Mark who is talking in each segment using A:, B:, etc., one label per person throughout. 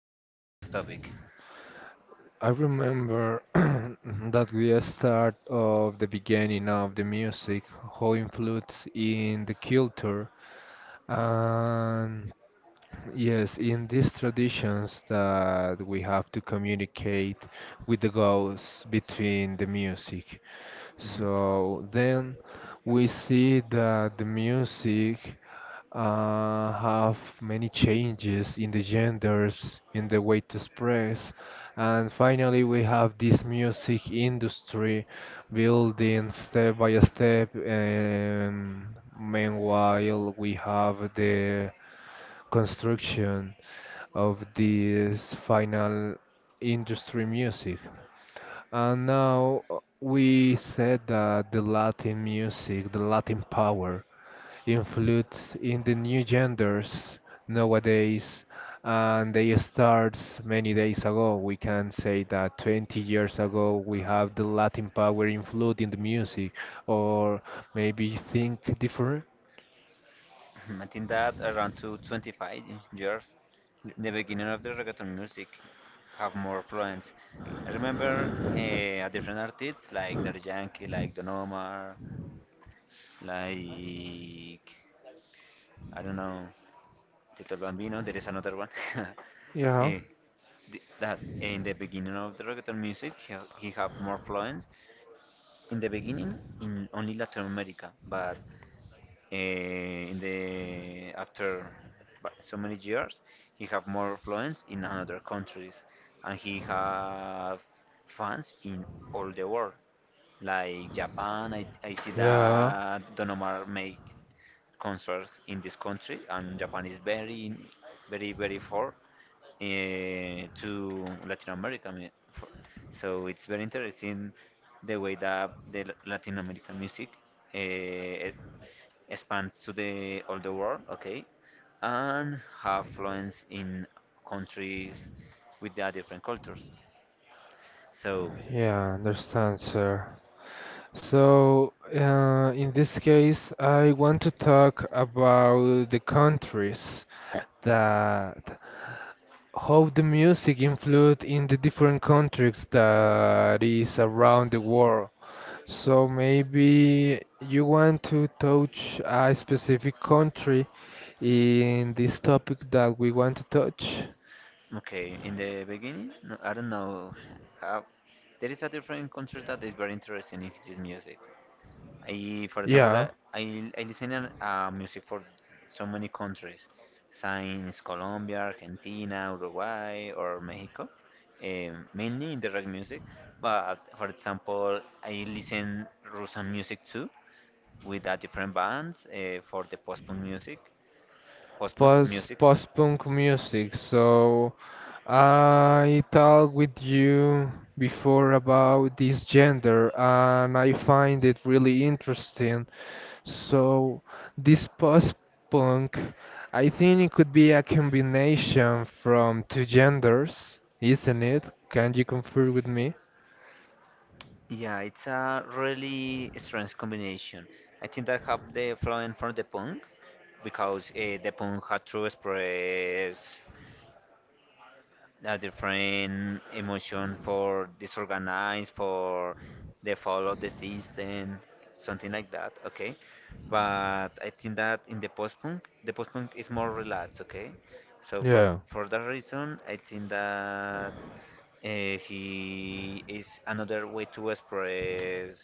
A: the last topic.
B: I remember that we start of the beginning of the music, how influence in the culture, and yes, in these traditions that we have to communicate with the goals between the music.
A: Mhm.
B: So then we see that the music have many changes in the genders, in the way to express. And finally, we have this music industry building step by step. And meanwhile, we have the construction of this final industry music. And now we said that the Latin music, the Latin power influence in the new genders nowadays, and they starts many days ago. We can say that 20 years ago we have the Latin power influence in the music, or maybe think different.
A: I think that around to 25 years, the beginning of the reggaeton music have more influence. I remember a different artists like Daddy Yankee, like Don Omar, like I don't know, Tito el Bambino. There is another one.
B: yeah
A: Eh, that in the beginning of the reggaeton music, he have more influence in the beginning in only Latin America, but in the after so many years he have more influence in another countries and he have fans in all the world, like Japan. I see
B: yeah
A: that Don Omar make concerts in this country, and Japan is very, very, very far, to Latin America, I mean, so it's very interesting the way that the Latin American music uh, expand to the all the world, okay, and have influence in countries with their different cultures. So,
B: Yeah, understand, sir. So, in this case, I want to talk about the countries that how the music influenced in the different countries that is around the world. So maybe you want to touch a specific country in this topic that we want to touch?
A: okay, in the beginning, no, I don't know, how, there is a different country that is very interesting in this music. For example, I,
B: Yeah.
A: I I listen to music for so many countries, since Colombia, Argentina, Uruguay, or Mexico, mainly in the rock music. But for example, I listen Russian music too, with different bands for the post-punk music, post-punk music.
B: Post punk music. So I talked with you before about this gender, and I find it really interesting. So this post punk, I think it could be a combination from two genders, isn't it? Can you confirm with me?
A: Yeah, it's a really strange combination. I think that have the influence from the punk, because the punk had to express the different emotions for disorganized, for the fall of the system, something like that, okay? But I think that in the post-punk is more relaxed, okay? So for
B: Yeah.
A: for that reason, I think that he is another way to express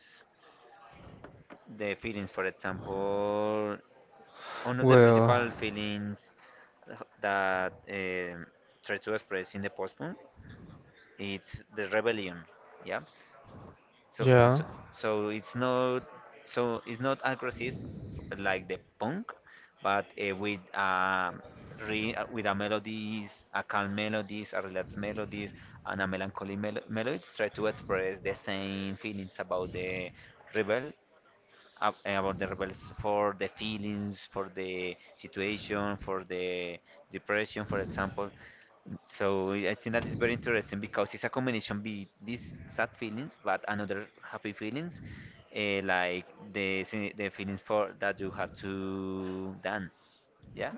A: the feelings. For example, one of the
B: Well,
A: principal feelings that try to express in the post, it's the rebellion, yeah. so
B: yeah.
A: so, so it's not, so it's not aggressive like the punk, but with a melodies, a calm melodies, a relaxed melodies, and a melancholy melodies, try to express the same feelings about rebel about the rebels, for the feelings, for the situation, for the depression, for example. So I think that is very interesting because it's a combination be these sad feelings, but another happy feelings, like the feelings for that you have to dance, yeah.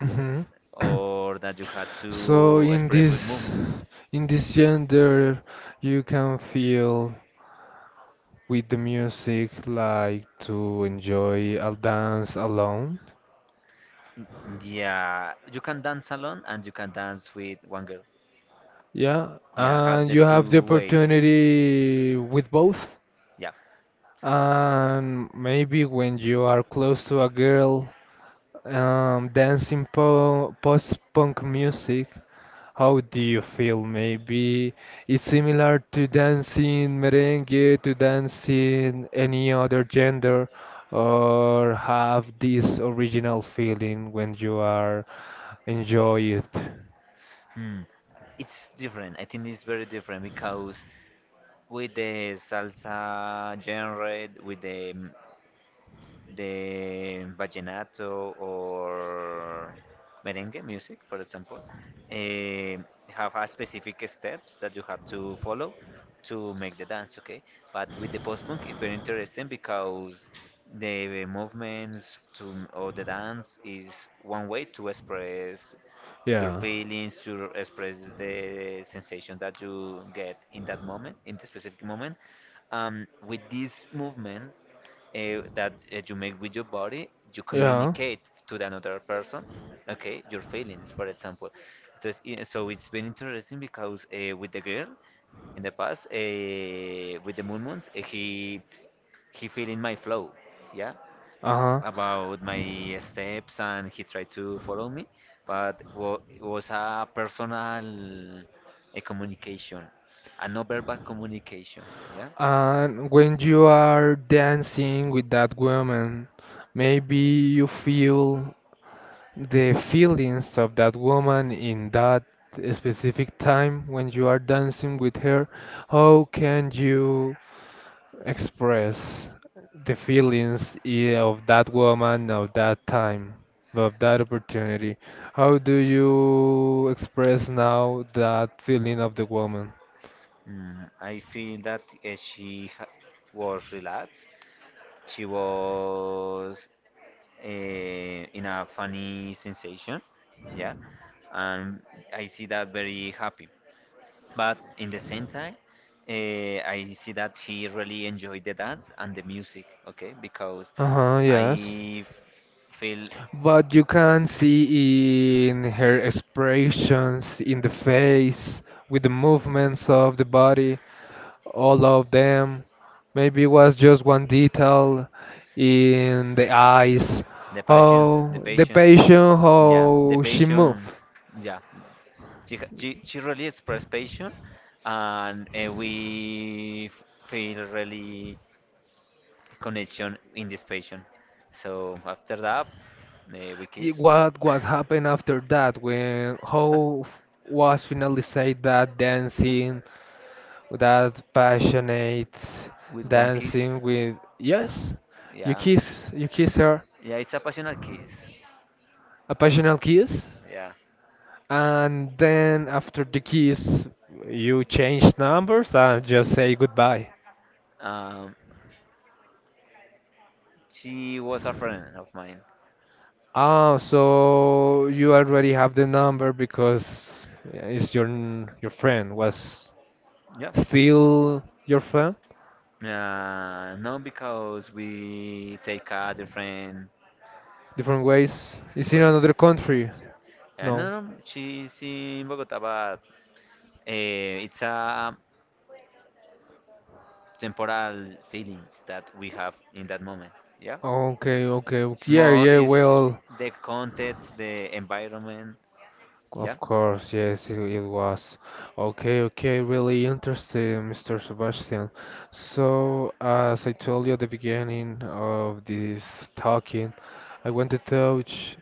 B: Hmm.
A: It's- or that you have
B: So
A: to
B: in
A: express with
B: this,
A: movements.
B: in this gender, you can feel with the music like to enjoy a dance alone.
A: Mm, yeah, you can dance alone and you can dance with one girl.
B: Yeah,
A: Yeah, have
B: and
A: the
B: you have the
A: two ways.
B: opportunity with both.
A: Yeah.
B: And maybe when you are close to a girl, dancing po post-punk music, how do you feel? Maybe it's similar to dancing merengue, to dancing any other gender, or have this original feeling when you are enjoy it.
A: Hmm. It's different. I think it's very different because with the salsa genre, with the the vallenato or merengue music, for example, eh, have a specific steps that you have to follow to make the dance, okay? But with the post punk, it's very interesting because the movements to or the dance is one way to express your
B: Yeah.
A: feelings, to express the sensation that you get in that moment, in the specific moment, with these movements that you make with your body, you
B: Yeah.
A: communicate to the another person, okay, your feelings, for example. Entonces, so it's been interesting because with the girl in the past, with the moons, he feeling my flow, yeah,
B: Uh-huh.
A: about my steps, and he tried to follow me, but it was a personal, a communication, a non-verbal communication, yeah.
B: And when you are dancing with that woman, maybe you feel the feelings of that woman in that specific time when you are dancing with her. How can you express the feelings of that woman of that time, of that opportunity? How do you express now that feeling of the woman?
A: Mm, I feel that was relaxed. She was in a funny sensation, yeah, and I see that very happy. But in the same time, I see that he really enjoyed the dance and the music, okay, because
B: Uh-huh, yes.
A: I f- feel
B: But you can see in her expressions, in the face, with the movements of the body, all of them. Maybe it was just one detail in the eyes.
A: the
B: Oh, the
A: passion,
B: patient,
A: yeah, the
B: how she moved.
A: passion, yeah. She really expressed passion, and feel really connection in this passion. So after that, we kiss.
B: What happened after that, when how was finally said that dancing, that passionate
A: With one kiss.
B: dancing with, yes, you
A: Yeah.
B: kiss, you kiss her,
A: Yeah, it's a passionate kiss.
B: a passionate kiss,
A: Yeah.
B: and then after the kiss you change numbers and just say goodbye?
A: Um, she was a friend of mine.
B: Ah, so you already have the number because it's your your friend was
A: Yeah.
B: still your friend?
A: No, because we take a different
B: Different ways, it's in
A: voice.
B: another country? No.
A: No, no, she's in Bogota, but uh, it's a temporal feelings that we have in that moment. Yeah,
B: Okay, okay,
A: it's
B: yeah,
A: more
B: yeah,
A: is
B: well,
A: the context, the environment. Yeah,
B: of course, yes, it was. Okay, okay, really interesting, Mr. Sebastian. So, as I told you at the beginning of this talking, I want to touch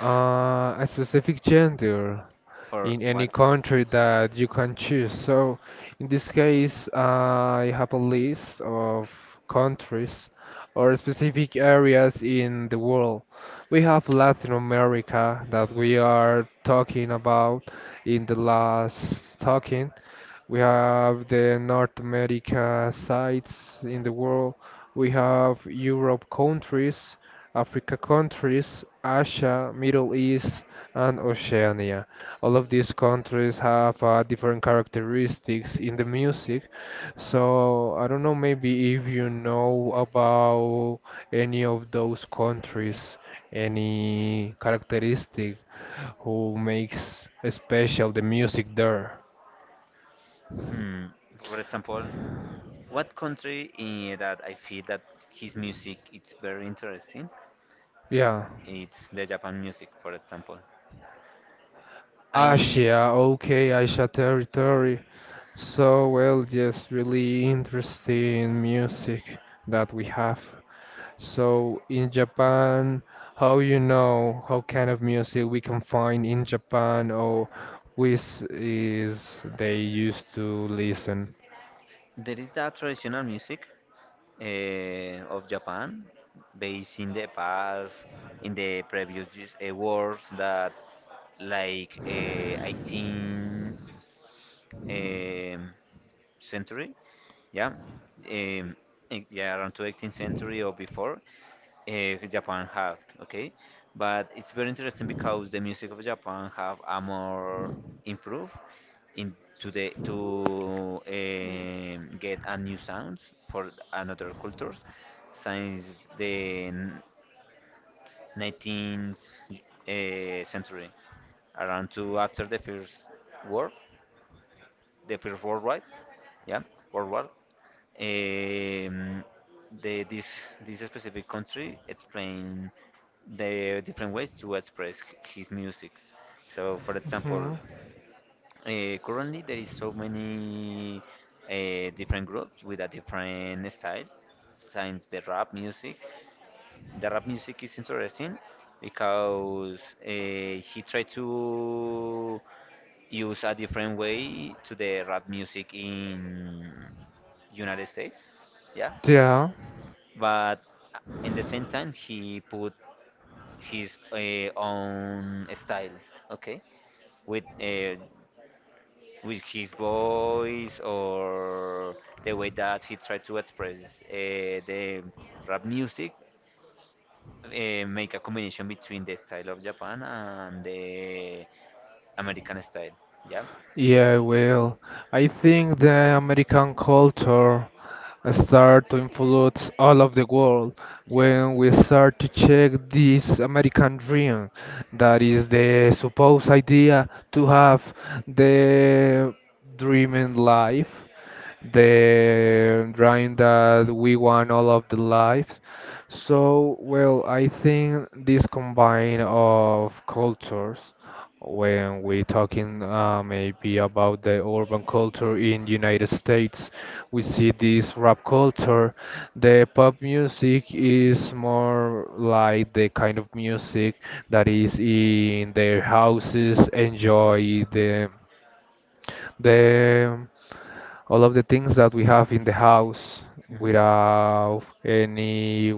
B: a specific gender
A: for
B: in any
A: what?
B: country that you can choose. So in this case, I have a list of countries or specific areas in the world. We have Latin America that we are talking about in the last talking. We have the North America sites in the world. We have Europe countries, Africa countries, Asia, Middle East, and Oceania. All of these countries have different characteristics in the music. So I don't know, maybe if you know about any of those countries, any characteristic who makes special the music there.
A: Hmm, for example, what country in that I feel that his music it's very interesting.
B: Yeah.
A: It's the Japan music, for example. I
B: Asia, okay, Asia territory. So well, just really interesting music that we have. So in Japan, how you know how kind of music we can find in Japan, or which is they used to listen?
A: There is that traditional music of Japan, based in the past, in the previous wars that like 18th, um, century, yeah, um, yeah, around to 18th century or before, Japan have, okay? But it's very interesting because the music of Japan have a more improved in to the to, get a new sounds for another cultures since the 19th century, around to after war the first world war, yeah, world war. Um, the, this this specific country explain the different ways to express his music. So, for example,
B: Mhm.
A: currently there is so many different groups with a different styles, since the rap music. The rap music is interesting because he tried to use a different way to the rap music in United States. Yeah,
B: Yeah.
A: but uh, in the same time he put his own style. Okay, with uh, with his voice, or the way that he tried to express the rap music make a combination between the style of Japan and the American style. Yeah,
B: Yeah, well, I think the American culture start to influence all of the world
A: yeah.
B: when we start to check this American dream that is the supposed idea to have the dreaming life, the drawing that we want all of the lives. So, well, I think this combine of cultures, when we talking maybe about the urban culture in United States, we see this rap culture. The pop music is more like the kind of music that is in their houses, enjoy the all of the things that we have in the house
A: Mhm.
B: without any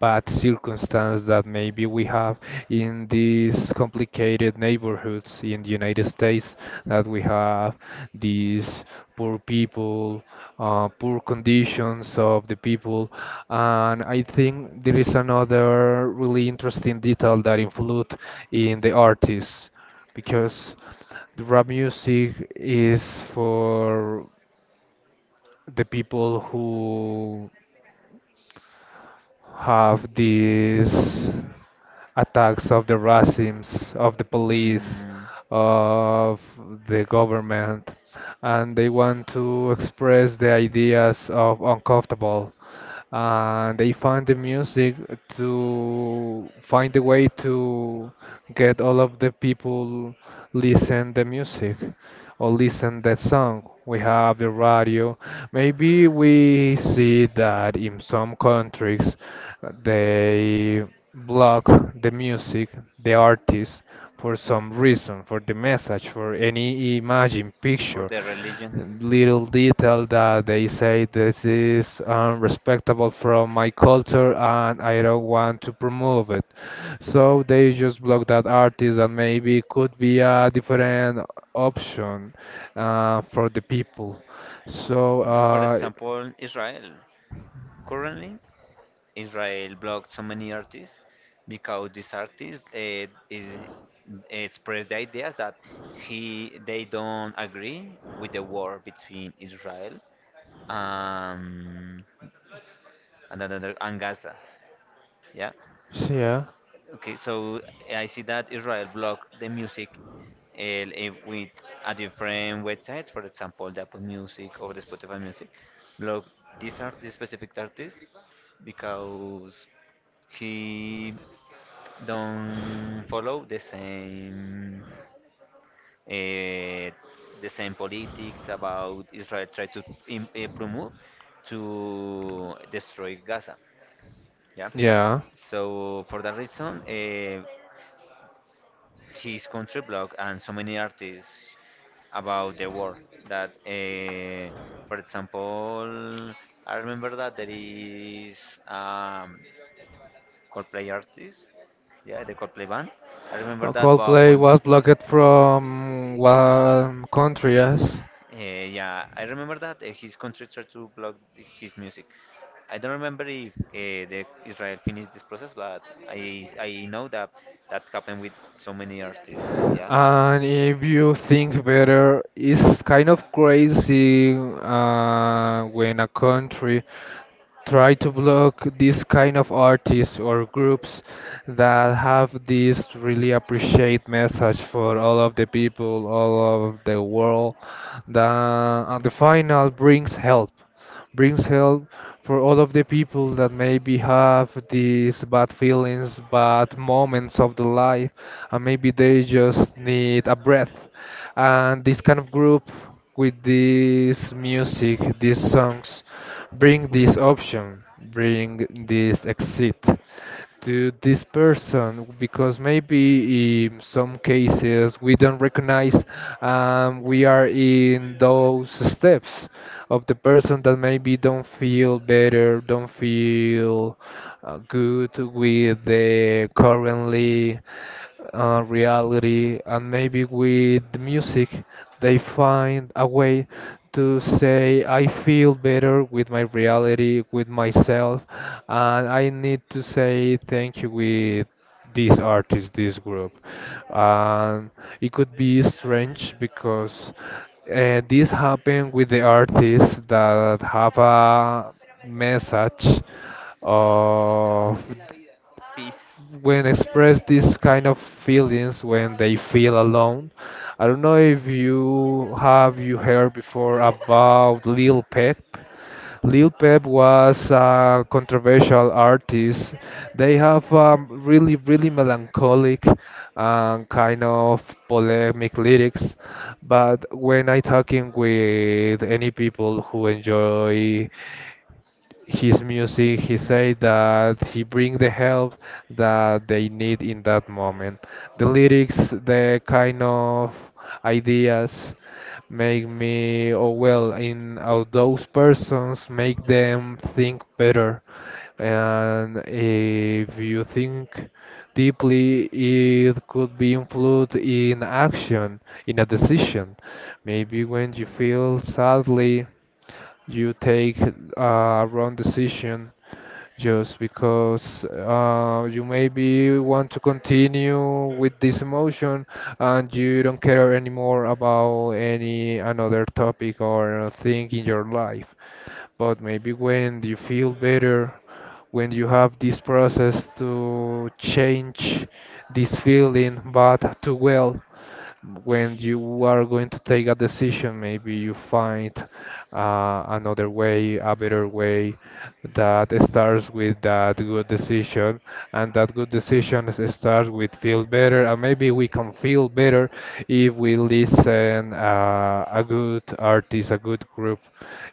B: bad circumstance that maybe we have in these complicated neighborhoods in the United States, that we have these poor people, poor conditions of the people. And I think there is another really interesting detail that influence in the artists, because the rap music is for the people who have these attacks of the racisms, of the police,
A: Mm,
B: of the government, and they want to express the ideas of uncomfortable. And they find the music to find a way to get all of the people listen the music or listen that song. We have the radio. Maybe we see that in some countries they block the music, the artist for some reason, for the message, for any imagine
A: for
B: picture
A: the religion,
B: little detail that they say this is unrespectable from my culture and I don't want to promote it. So they just block that artist and maybe could be a different option for the people. So
A: for example, Israel. Currently, Israel blocked so many artists because these artists is express the ideas that he they don't agree with the war between Israel, um, and another and Gaza. Yeah.
B: yeah,
A: Okay, so I see that Israel block the music, with a different websites, for example, the Apple Music or the Spotify Music. Block these specific artists because he don't follow uh, the same politics about Israel, try to promote to destroy Gaza. Yeah.
B: yeah.
A: So for that reason, his country blog and so many artists about the war, that for example, I remember that there is, um Coldplay artist, yeah, the Coldplay band. I remember that, but
B: Coldplay
A: from
B: was blocked from one country, yes.
A: yeah, I remember that his country tried to block his music. I don't remember if the Israel finished this process, but I know that that happened with so many artists. Yeah.
B: And if you think better, it's kind of crazy when a country try to block these kind of artists or groups that have this really appreciate message for all of the people, all of the world, that at the final brings help, brings help for all of the people that maybe have these bad feelings, bad moments of the life, and maybe they just need a breath. And this kind of group with this music, these songs, bring this option, bring this exit to this person, because maybe in some cases we don't recognize we are in those steps of the person that maybe don't feel better, don't feel good with the currently reality, and maybe with the music they find a way to say I feel better with my reality, with myself, and I need to say thank you with this artist, this group. And it could be strange because this happened with the artists that have a message of when express these kind of feelings when they feel alone. I don't know if you have you heard before about Lil Peep. Lil Peep was a controversial artist. They have really really melancholic and kind of polemic lyrics. But when I talking with any people who enjoy his music, he
A: Hmm.
B: say that he bring the help that they need in that moment, the lyrics, the kind of ideas make me oh well in of those persons, make them think better. And if you think deeply, it could be influenced in action, in a decision. Maybe when you feel sadly, you take a wrong decision just because you maybe want to continue with this emotion and you don't care anymore about any another topic or thing in your life. But maybe when you feel better, when you have this process to change this feeling bad to well, when you are going to take a decision, maybe you find another way, a better way that starts with that good decision, and that good decision is- starts with feel better, and maybe we can feel better if we listen a good artist, a good group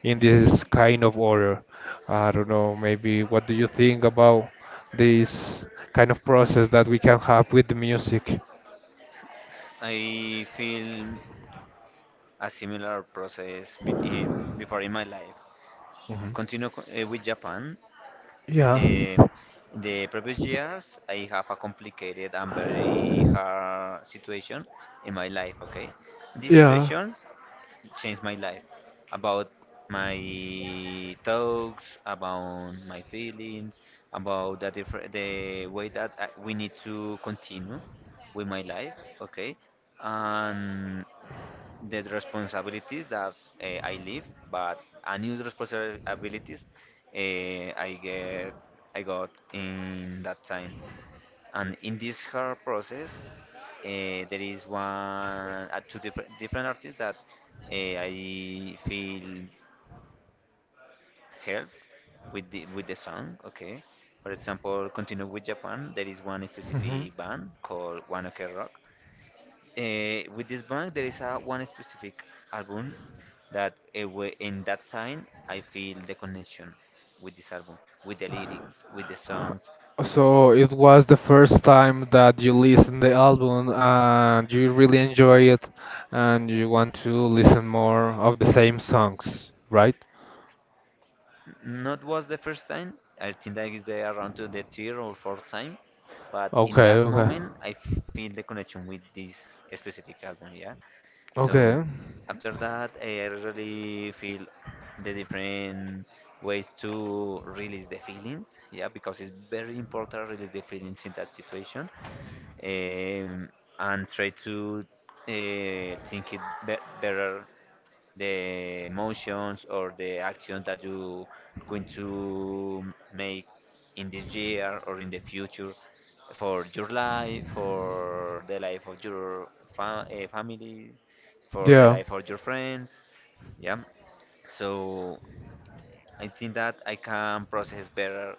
B: in this kind of order. I don't know, maybe what do you think about this kind of process that we can have with the music?
A: I feel a similar process before in my life. Continue with Japan.
B: Yeah.
A: Um, the previous years, I have a complicated and very hard situation in my life. Okay, these
B: Yeah.
A: situations changed my life about my thoughts, about my feelings, about the way that we need to continue with my life. Okay, and the responsibilities that I live, but a new responsibilities uh, I get I got in that time. And in this hard process, there is one two different artists that I feel help with the song. Okay, for example, continue with Japan. There is one specific band called One Ok Rock. With this band, there is a one specific album that in that time I feel the connection with this album, with the lyrics, with the songs.
B: So it was the first time that you listened the album and you really enjoy it, and you want to listen more of the same songs, right?
A: Not was the first time. I think that is the around to the third or fourth time. But in
B: Okay,
A: that
B: okay.
A: moment, I feel the connection with this specific album. Yeah. So
B: Okay.
A: after that, I really feel the different ways to release the feelings. Yeah, because it's very important to release the feelings in that situation, um, and try to think it be better the motions or the action that you going to make in this year or in the future, for your life, for the life of your family, for the
B: Yeah.
A: life of your friends. Yeah. So I think that I can process better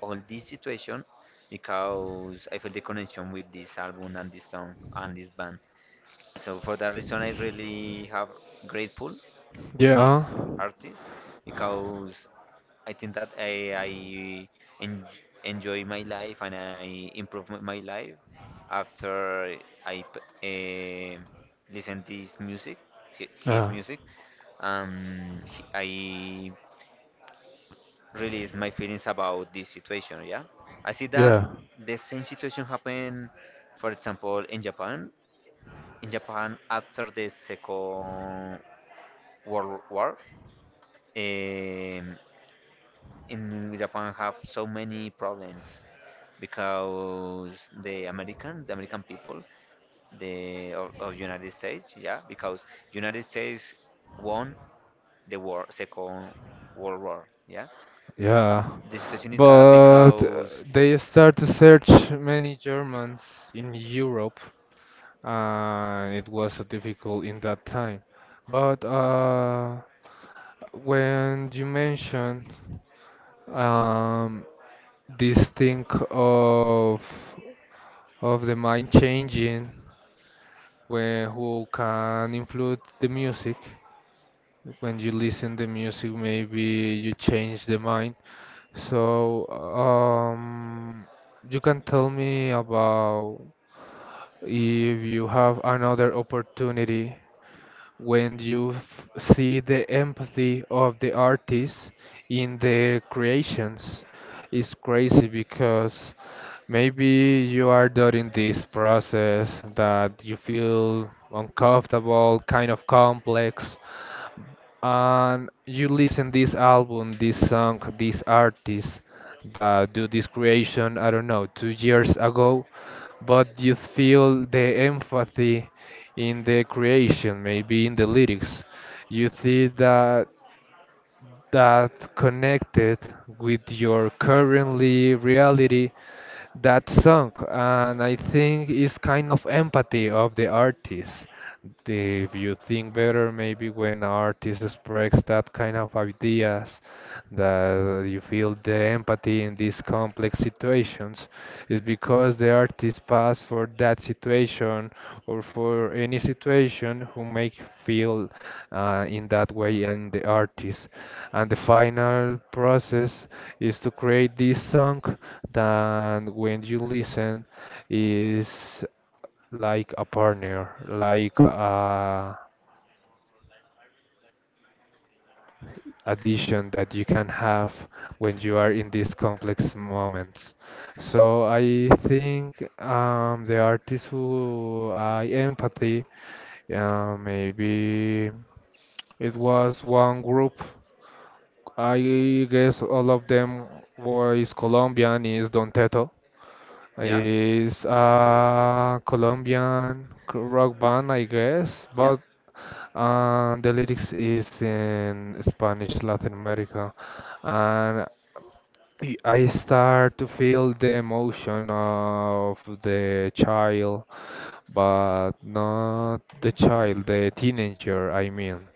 A: all this situation because I feel the connection with this album and this song and this band. So for that reason, I really have grateful with
B: Yeah.
A: this artist, because I think that en- enjoy my life and I improve my life after I p- eh, listen this music, his
B: Uh-huh.
A: music. I release my feelings about this situation. Yeah, I see
B: Yeah.
A: that
B: Yeah.
A: the same situation happened, for example, in Japan after the Second World War, um, in Japan have so many problems because the American people, of United States, yeah, because United States won the war, Second World War, yeah.
B: Yeah.
A: The situation is that
B: But
A: because,
B: they start to search many Germans in Europe, and it was so difficult in that time. But when you mention um, this thing of of the mind changing, where who can influence the music, when you listen the music maybe you change the mind, so you can tell me about if you have another opportunity when you see the empathy of the artist in the creations. It's crazy because maybe you are during this process that you feel uncomfortable, kind of complex, and you listen this album, this song, this artist that do this creation, I don't know, 2 years ago, but you feel the empathy in the creation, maybe in the lyrics. You see that that connected with your currently reality that song, and I think it's kind of empathy of the artist. If you think better, maybe when artist express that kind of ideas, that you feel the empathy in these complex situations, is because the artist passed for that situation or for any situation who make feel in that way and the artist. And the final process is to create this song than when you listen is like a partner, like a addition that you can have when you are in these complex moments. So I think the artists who I empathy, maybe it was one group. I guess all of them was Colombian, is Don Teto.
A: yeah,
B: It's a Colombian rock band, I guess,
A: yeah,
B: but the lyrics is in Spanish, Latin America, and I start to feel the emotion of the child, but not the child, the teenager, I mean.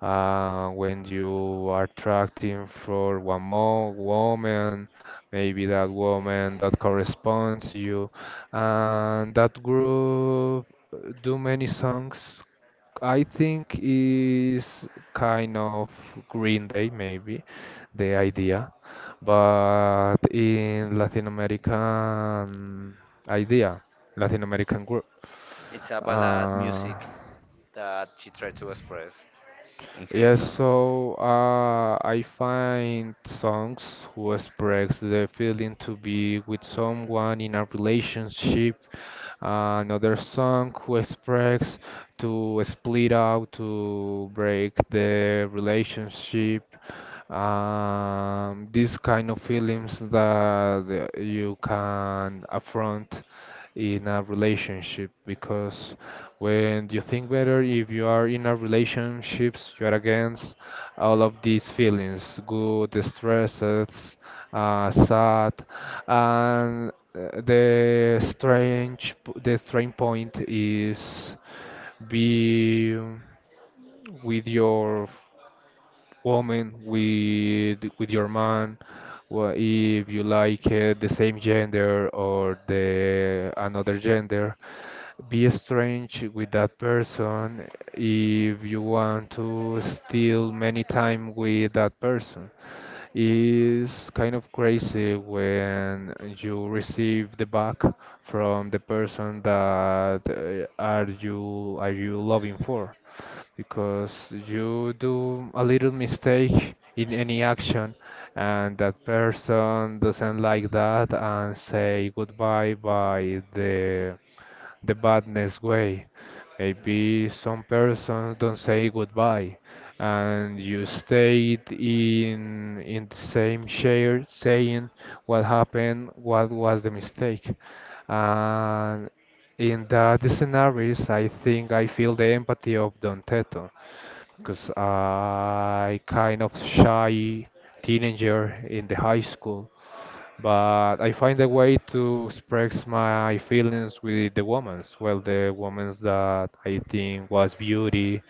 B: When you are attracting for one more woman, maybe that woman that corresponds to you, and that group do many songs. I think is kind of Green Day, maybe the idea, but in Latin American idea, Latin American group.
A: it's a ballad
B: Uh,
A: music that she tried to express in her
B: Yes,
A: songs.
B: so I find songs who express the feeling to be with someone in a relationship, another song who express to split out, to break the relationship, these kind of feelings that you can affront in a relationship because when you think better, if you are in a relationships, you are against all of these feelings, good, stresses, sad, and the strange, the strange point is be with your woman, with your man, if you like the same gender or the another gender, be strange with that person if you want to steal many time with that person. It's kind of crazy when you receive the back from the person that are you loving for because you do a little mistake in any action and that person doesn't like that and say goodbye by the badness way. Maybe some persons don't say goodbye, and you stayed in the same chair saying what happened, what was the mistake. And in that scenarios, I think I feel the empathy of Don Teto, because I kind of shy teenager in the high school but I find a way to express my feelings with the women's. Well, the women's that I think was beauty.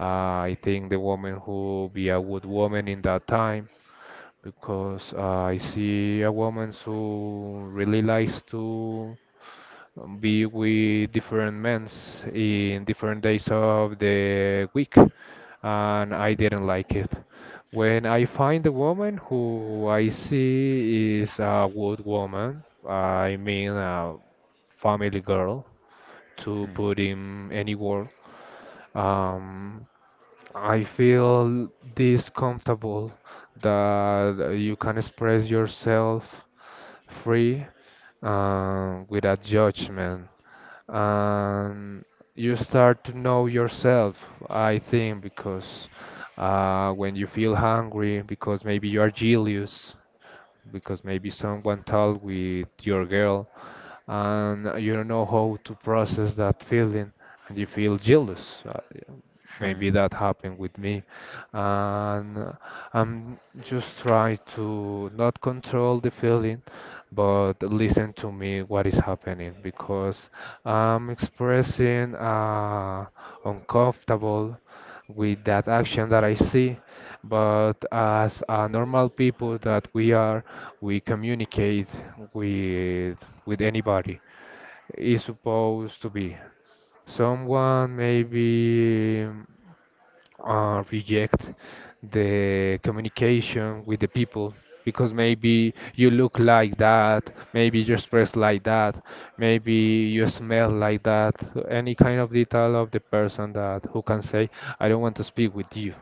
B: I think the woman who be a good woman in that time because I see a woman who really likes to be with different men in different days of the week, and I didn't like it. When I find a woman who I see is a good woman, I mean a family girl, to
A: Hmm.
B: put in any word, um, I feel this comfortable that you can express yourself free without judgment and you start to know yourself, I think, because when you feel hungry, because maybe you are jealous, because maybe someone talked with your girl, and you don't know how to process that feeling, and you feel jealous.
A: Hmm.
B: Maybe that happened with me. And I'm just trying to not control the feeling, but listen to me what is happening because I'm expressing uncomfortable with that action that I see. But as a normal people that we are, we communicate with anybody. Is supposed to be someone maybe reject the communication with the people because maybe you look like that, maybe you express like that, maybe you smell like that, any kind of detail of the person that who can say, I don't want to speak with you.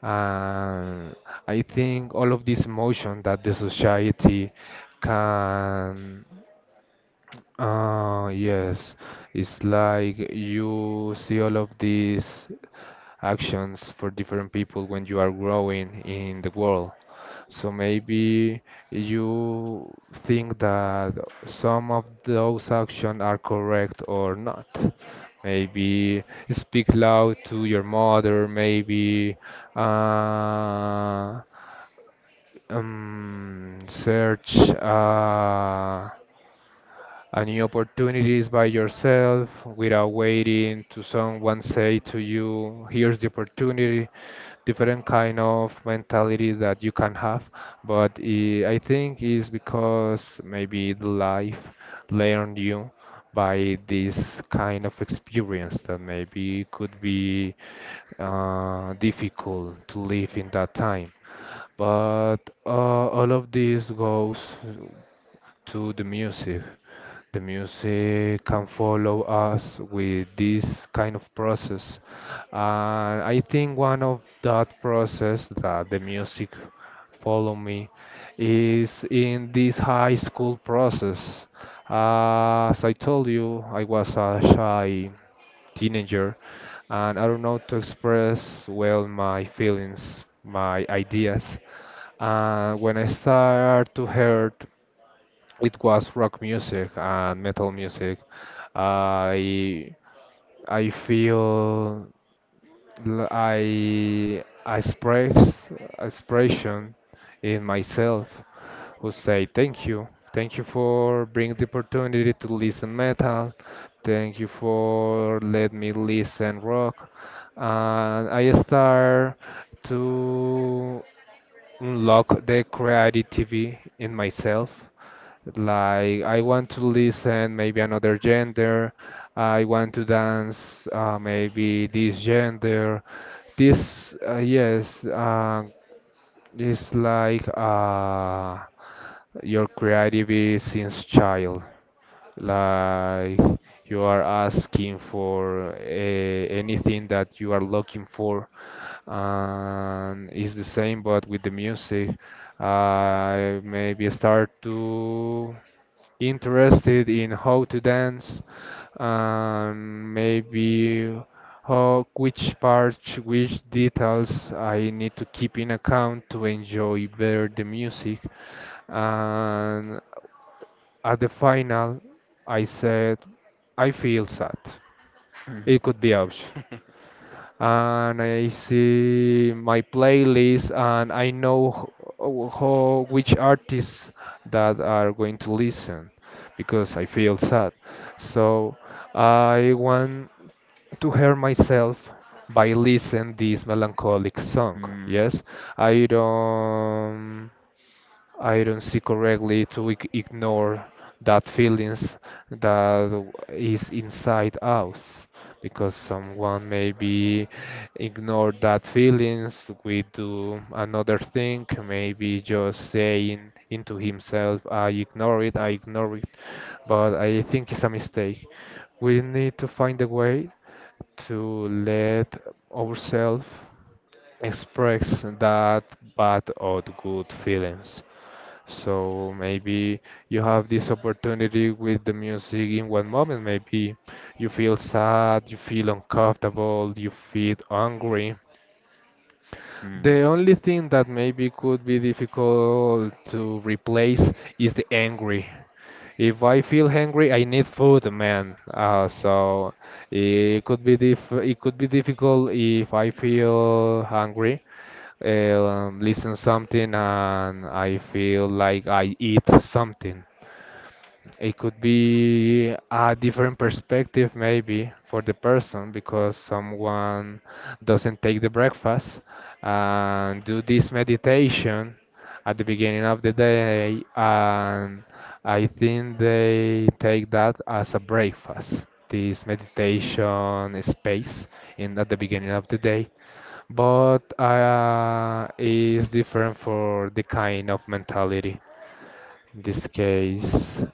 B: And I think all of this emotion that the society can yes, it's like you see all of these actions for different people when you are growing in the world. So maybe you think that some of those actions are correct or not. Maybe speak loud to your mother, maybe uh, search. And new opportunities by yourself without waiting to someone say to you here's the opportunity different kind of mentality that you can have but I think is because maybe the life learned you by this kind of experience that maybe could be difficult to live in that time but all of this goes to the music can follow us with this kind of process. And I think one of that process that the music follow me is in this high school process. As I told you, I was a shy teenager and I don't know to express well my feelings, my ideas. And when I start to hear it was rock music and metal music. I I feel I express expression in myself who say thank you. Thank you for bringing the opportunity to listen metal. Thank you for let me listen rock. And I start to unlock the creativity in myself like I want to listen maybe another gender. I want to dance maybe this gender. This yes is like your creative is since child. Like you are asking for anything that you are looking for and it's the same but with the music I maybe start to interested in how to dance and maybe how which parts, which details I need to keep in account to enjoy better the music. And at the final, I said I feel sad. It could be option and I see my playlist and I know which artists that are going to listen because I feel sad. So I want to hear myself by listening this melancholic song.
A: Hmm.
B: Yes, I don't. I don't see correctly to ignore that feelings that is inside us because someone maybe ignore that feelings we do another thing maybe just saying into himself I ignore it but I think it's a mistake we need to find a way to let ourselves express that bad or good feelings so maybe you have this opportunity with the music in one moment. Maybe you feel sad, you feel uncomfortable, you feel angry.
A: Hmm.
B: The only thing that maybe could be difficult to replace is the angry. If I feel hungry, I need food, man. So it could be difficult if I feel hungry, listen something and I feel like I eat something. It could be a different perspective, maybe, for the person because someone doesn't take the breakfast and do this meditation at the beginning of the day, and I think they take that as a breakfast, this meditation space in at the beginning of the day. But is different for the kind of mentality. In this case,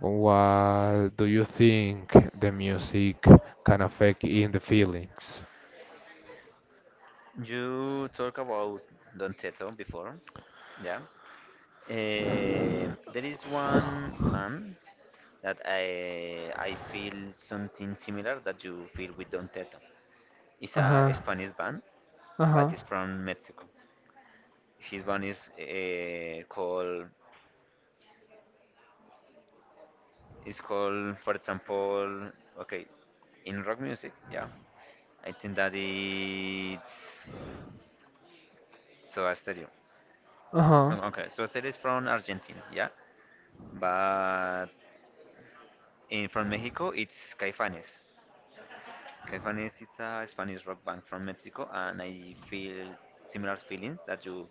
B: what do you think the music can affect in the feelings?
A: You talk about Don Teto before, yeah. There is one band that I feel something similar that you feel with Don Teto. It's a
B: Uh-huh.
A: Spanish band, but
B: Uh-huh.
A: it's from Mexico. His band is called it's called, for example, okay, in rock music, yeah. I think that it's Soda Stereo.
B: Uh-huh.
A: Okay, so Cel is from Argentina, yeah, but in, from Mexico it's Caifanes. Caifanes it's a Spanish rock band from Mexico, and I feel similar feelings that you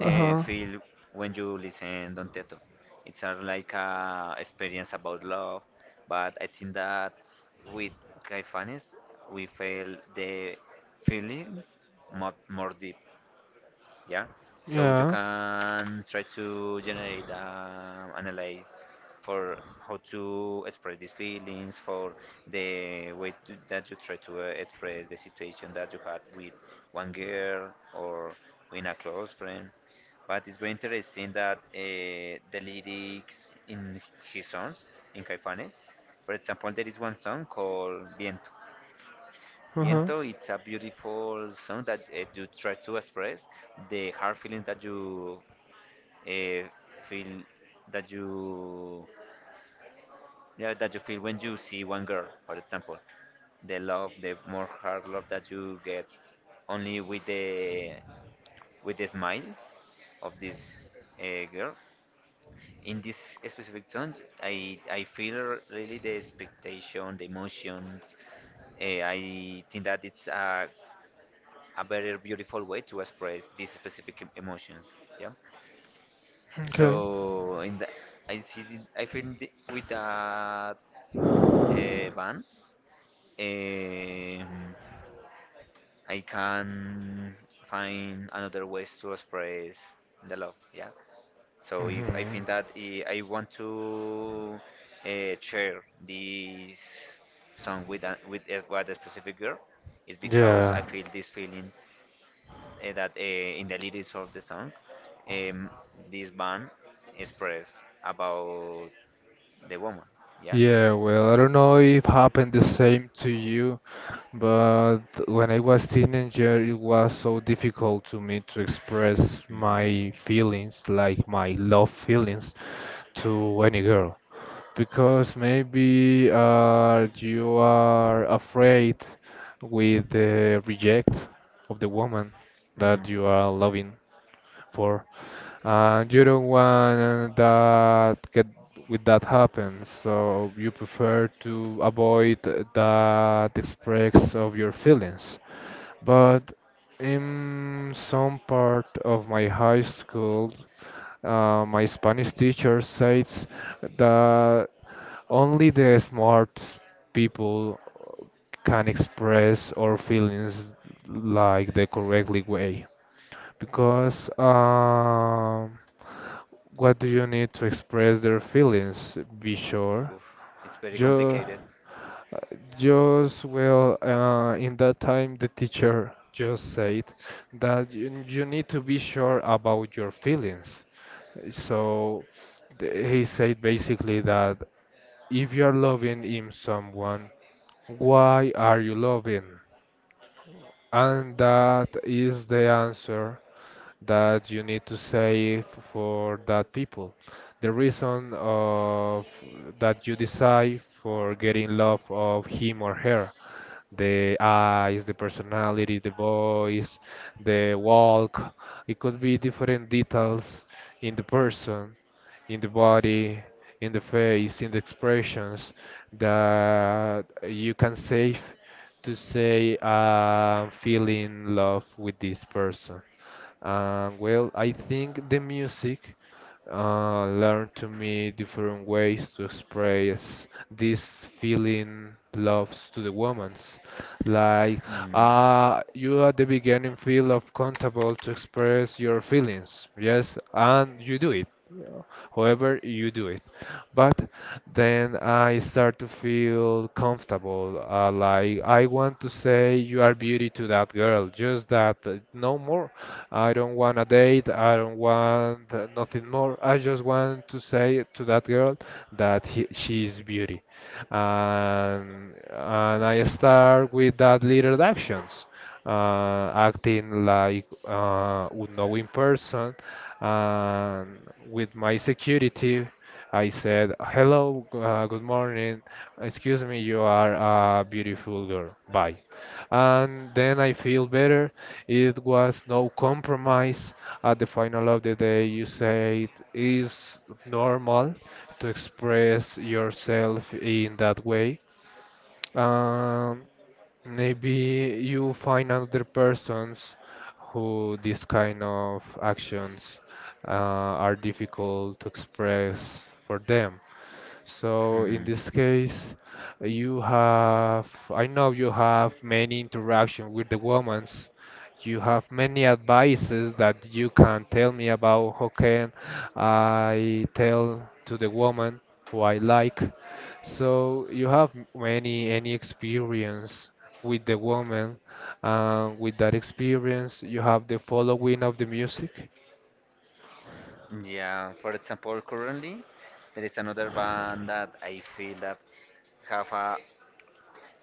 A: feel when you listen Don Teto. It's a, like a experience about love, but I think that with Caifanes we feel the feelings more deep. Yeah, so you
B: Yeah.
A: can try to generate analyze for how to express these feelings for the way to, that you try to express the situation that you had with one girl or with a close friend, but it's very interesting that the lyrics in his songs in Caifanes, for example, there is one song called Viento.
B: Uh-huh.
A: Viento, it's a beautiful song that you try to express the hard feelings that you uh, feel that you, yeah, that you feel when you see one girl, for example, the love, the more hard love that you get only with the smile of this girl. In this specific song, I feel really the expectation, the emotions. I think that it's a very beautiful way to express these specific emotions. Yeah.
B: Okay.
A: So in the, I see the- I think the, with that band, um, I can find another ways to express the love. Yeah. So if I
B: Hmm.
A: think that I want to share this song with a, with a, with a specific girl, it's because I
B: Yeah.
A: feel these feelings that in the lyrics of the song, um, this band express about the woman. Yeah.
B: Yeah, well, I don't know if happened the same to you, but when I was teenager, it was so difficult to me to express
A: Mhm.
B: my feelings, like my love feelings, to any girl. Because maybe you are afraid with the reject of the woman that
A: Mhm.
B: you are loving for. And you don't want that get with that happens, so you prefer to avoid that express of your feelings. But in some part of my high school, my Spanish teacher says that only the smart people can express our feelings like the correctly way. Because what do you need to express their feelings? Be sure.
A: Oof, it's very
B: Ju-
A: complicated.
B: just well, in that time, the teacher just said that you need to be sure about your feelings. So he said basically that if you are loving him someone, why are you loving? And that is the answer that you need to save for that people. The reason of that you decide for getting love of him or her. The eyes, the personality, the voice, the walk. It could be different details in the person, in the body, in the face, in the expressions that you can save to say I'm feeling love with this person. Well, I think the music learned to me different ways to express this feeling loves to the woman's. Like
A: Mhm.
B: you at the beginning feel of comfortable to express your feelings, yes, and you do it. Yeah. However, you do it. But then I start to feel comfortable. Like I want to say you are beauty to that girl, just that, no more. I don't want a date. I don't want nothing more. I just want to say to that girl that he, she is beauty and and I start with that little actions, acting like unknowing person, and with my security. I said, "Hello, good morning. Excuse me, you are a beautiful girl. Bye." And then I feel better. It was no compromise. At the final of the day, you say it is normal to express yourself in that way. Um, Maybe you find other persons who these kind of actions uh, are difficult to express for them. So in
A: Mhm.
B: this case, you have, I know you have many interaction with the women. You have many advices that you can tell me about how can I tell to the woman who I like. So you have many any experience with the woman. And with that experience, you have the following of the music.
A: Yeah. For example, currently there is another band that I feel that have a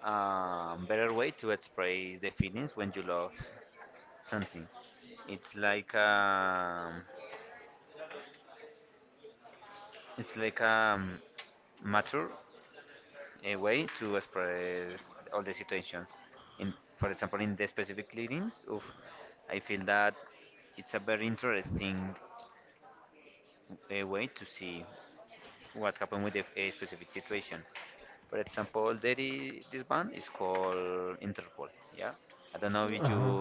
A: better way to express the feelings when you love something. It's like um, it's like mature a way to express all the situations. In, for example, in the specific readings, of, I feel that it's a very interesting way to see what happened with a specific situation. For example, there is, this band is called Interpol. Yeah, I don't know if you
B: Uh-huh.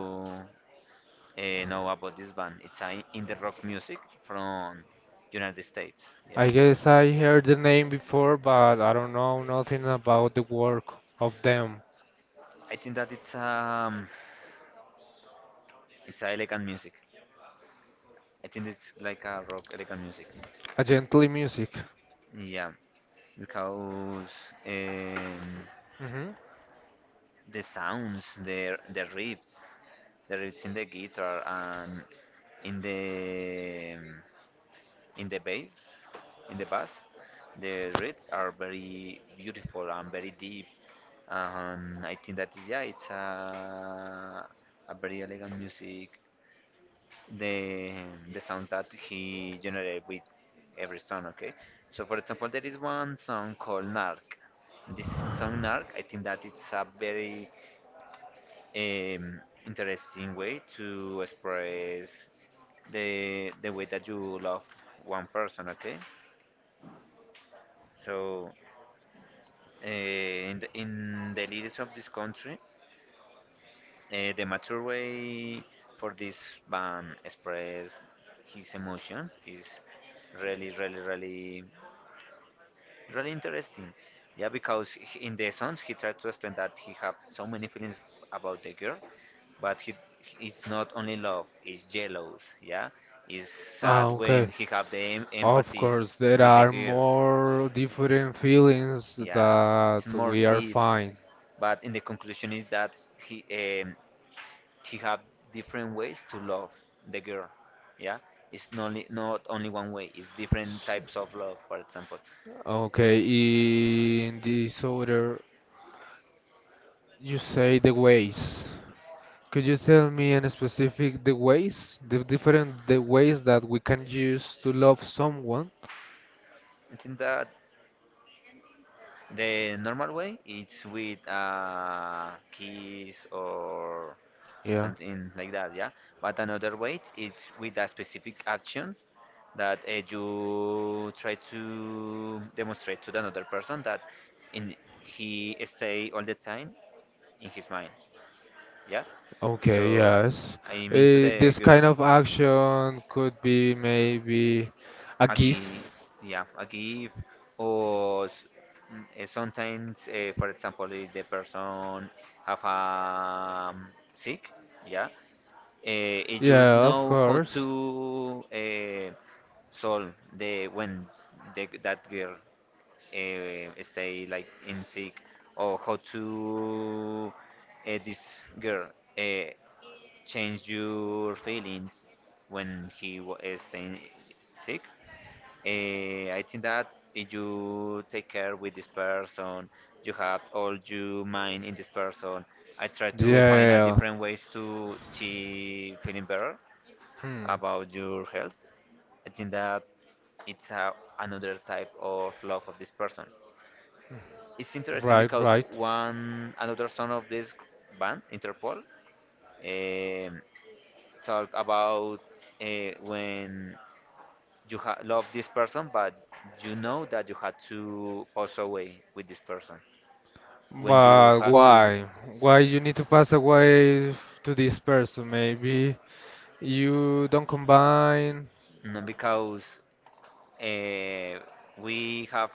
A: know about this band. It's a, in the rock music from United States. Yeah.
B: I guess I heard the name before, but I don't know nothing about the work of them.
A: I think that it's a elegant music. I think it's like a rock elegant music.
B: A gently music.
A: Yeah, because um,
B: Hmm.
A: the sounds, the riffs, the riffs in the guitar and in the in the bass, in the bass, the riffs are very beautiful and very deep. I think that yeah, it's a very elegant music the the sound that he generated with every song. Okay, so for example, there is one song called "Narc." This song "Narc," I think that it's a very interesting way to express the way that you love one person. Okay, so in the lyrics of this country. The mature way for this band express his emotions is really, really, really, really interesting. Yeah, because he- in the songs he tried to explain that he have so many feelings about the girl, but he it's not only love, it's jealous. Yeah, it's
B: Ah,
A: sad when
B: okay.
A: he have the
B: Of
A: empathy
B: course, there
A: with the
B: are
A: girl.
B: more different feelings
A: Yeah, it's
B: that
A: more
B: we are
A: deep.
B: fine.
A: But in the conclusion is that he, um, she have different ways to love the girl, yeah, it's not only, not only one way, it's different types of love. For example,
B: Okay, in this order, you say the ways. Could you tell me in specific the ways, the different the ways that we can use to love someone?
A: I think that the normal way it's with a kiss or
B: Yeah.
A: something like that, yeah, but another way it's with a specific actions that you try to demonstrate to the another person that in he stay all the time in his mind, yeah.
B: Okay,
A: So
B: yes.
A: I'm into the
B: This
A: girl.
B: kind of action could be maybe a gift.
A: Aquí, yeah, aquí if or s- mm, sometimes, for example, if the person have a sick, yeah, if you
B: Yeah, of
A: know how
B: course.
A: to solve the when the, that girl stay like in sick or how to this girl. Uh, Change your feelings when he is staying sick. I think that if you take care with this person, you have all your mind in this person. I try
B: Yeah,
A: to find a
B: yeah, yeah.
A: different ways to she feeling better
B: Hmm.
A: about your health. I think that it's a, another type of love of this person. It's interesting
B: Right,
A: because
B: right.
A: one another son of this band, Interpol, um, talk about when you ha love this person, but you know that you had to pass away with this person. When you
B: But
A: had to,
B: why? Why you need to pass away to this person? Maybe you don't combine.
A: no, because uh, we have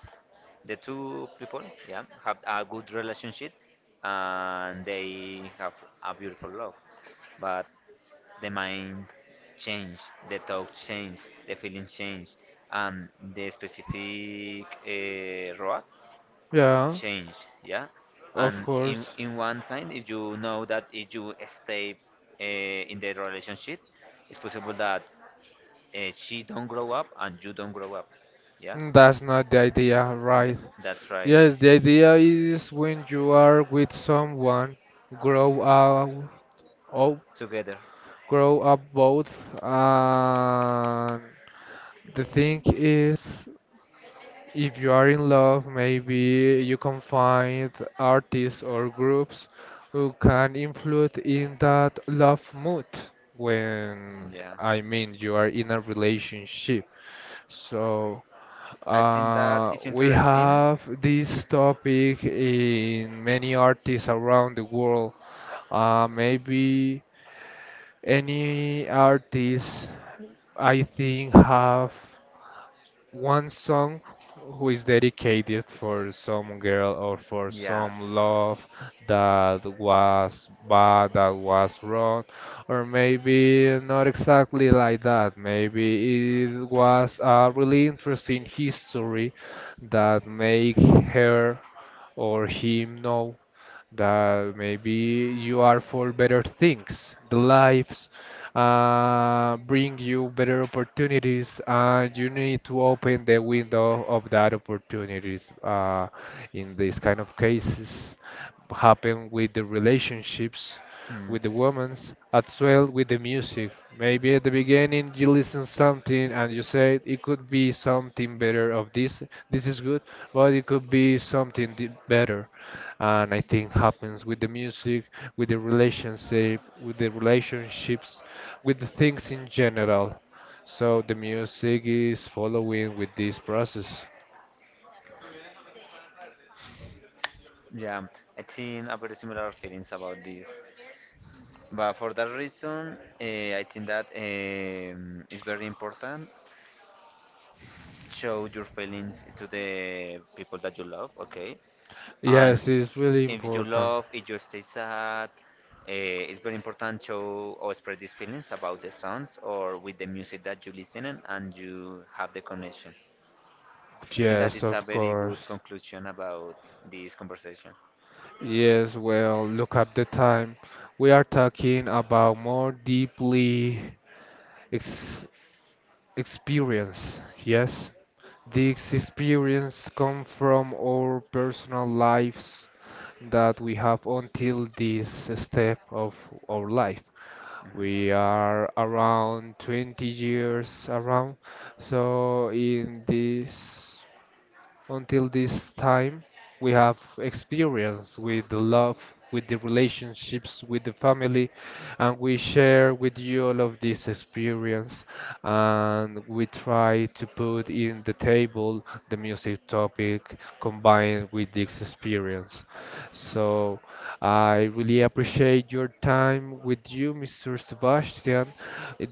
A: the two people, yeah, have a good relationship and they have a beautiful love. But the mind change, the talk change, the feelings change, and the specific road
B: Yeah,
A: change, yeah,
B: of
A: and
B: course.
A: in one time if you know that if you stay in the relationship it's possible that she don't grow up and you don't grow up, yeah.
B: Mm, that's not the idea, right?
A: That's right,
B: Yes, the idea is when you are with someone, grow up, oh,
A: together,
B: grow up both, and the thing is, if you are in love, maybe you can find artists or groups who can influence in that love mood when,
A: yeah.
B: I mean, you are in a relationship. So
A: I think that it's
B: we
A: interesting.
B: have this topic in many artists around the world. Maybe any artist I think have one song who is dedicated for some girl or for
A: Yeah.
B: some love that was bad, that was wrong, or maybe not exactly like that. Maybe it was a really interesting history that make her or him know that maybe you are for better things. The lives bring you better opportunities, and you need to open the window of that opportunities. In these kind of cases, happen with the relationships
A: Hmm.
B: with the women's as well with the music. Maybe at the beginning you listen something and you say it could be something better of this. This is good, but it could be something better and I think happens with the music, with the relationship, with the relationships, with the things in general. So the music is following with this process.
A: Yeah, I think I very similar feelings about this, but for that reason I think that it's very important show your feelings to the people that you love, okay? And
B: Yes, it's really
A: if you
B: important.
A: love, if you stay sad, it's very important to or spread these feelings about the songs or with the music that you listen and you have the connection. I think that
B: Yes,
A: it's a
B: of
A: very good
B: course.
A: conclusion about this conversation
B: Yes, well, look at the time. We are talking about more deeply ex experience. Yes. These experiences come from our personal lives that we have until this step of our life. We are around 20 years around, so in this, until this time, we have experience with the love, with the relationships, with the family, and we share with you all of this experience. And we try to put in the table the music topic combined with this experience. So I really appreciate your time with you, Mr. Sebastian.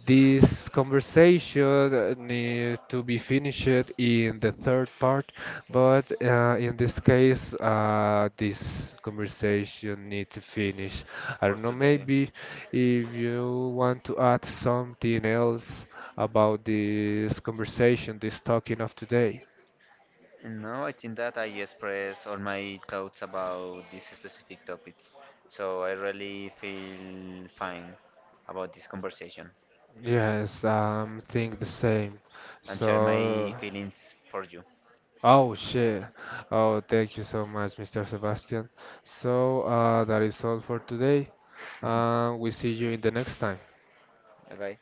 B: This conversation need to be finished in the third part, but in this case, this conversation need to finish. I
A: for
B: don't know,
A: today.
B: maybe if you want to add something else about this conversation, this talking of today.
A: No, I think that I express all my thoughts about these specific topics. So I really feel fine about this conversation.
B: Yes, I'm think the same.
A: And share my
B: So,
A: feelings for you.
B: oh shit. Oh, thank you so much, Mr. Sebastian. So, that is all for today. We see you in the next time.
A: Bye, bye.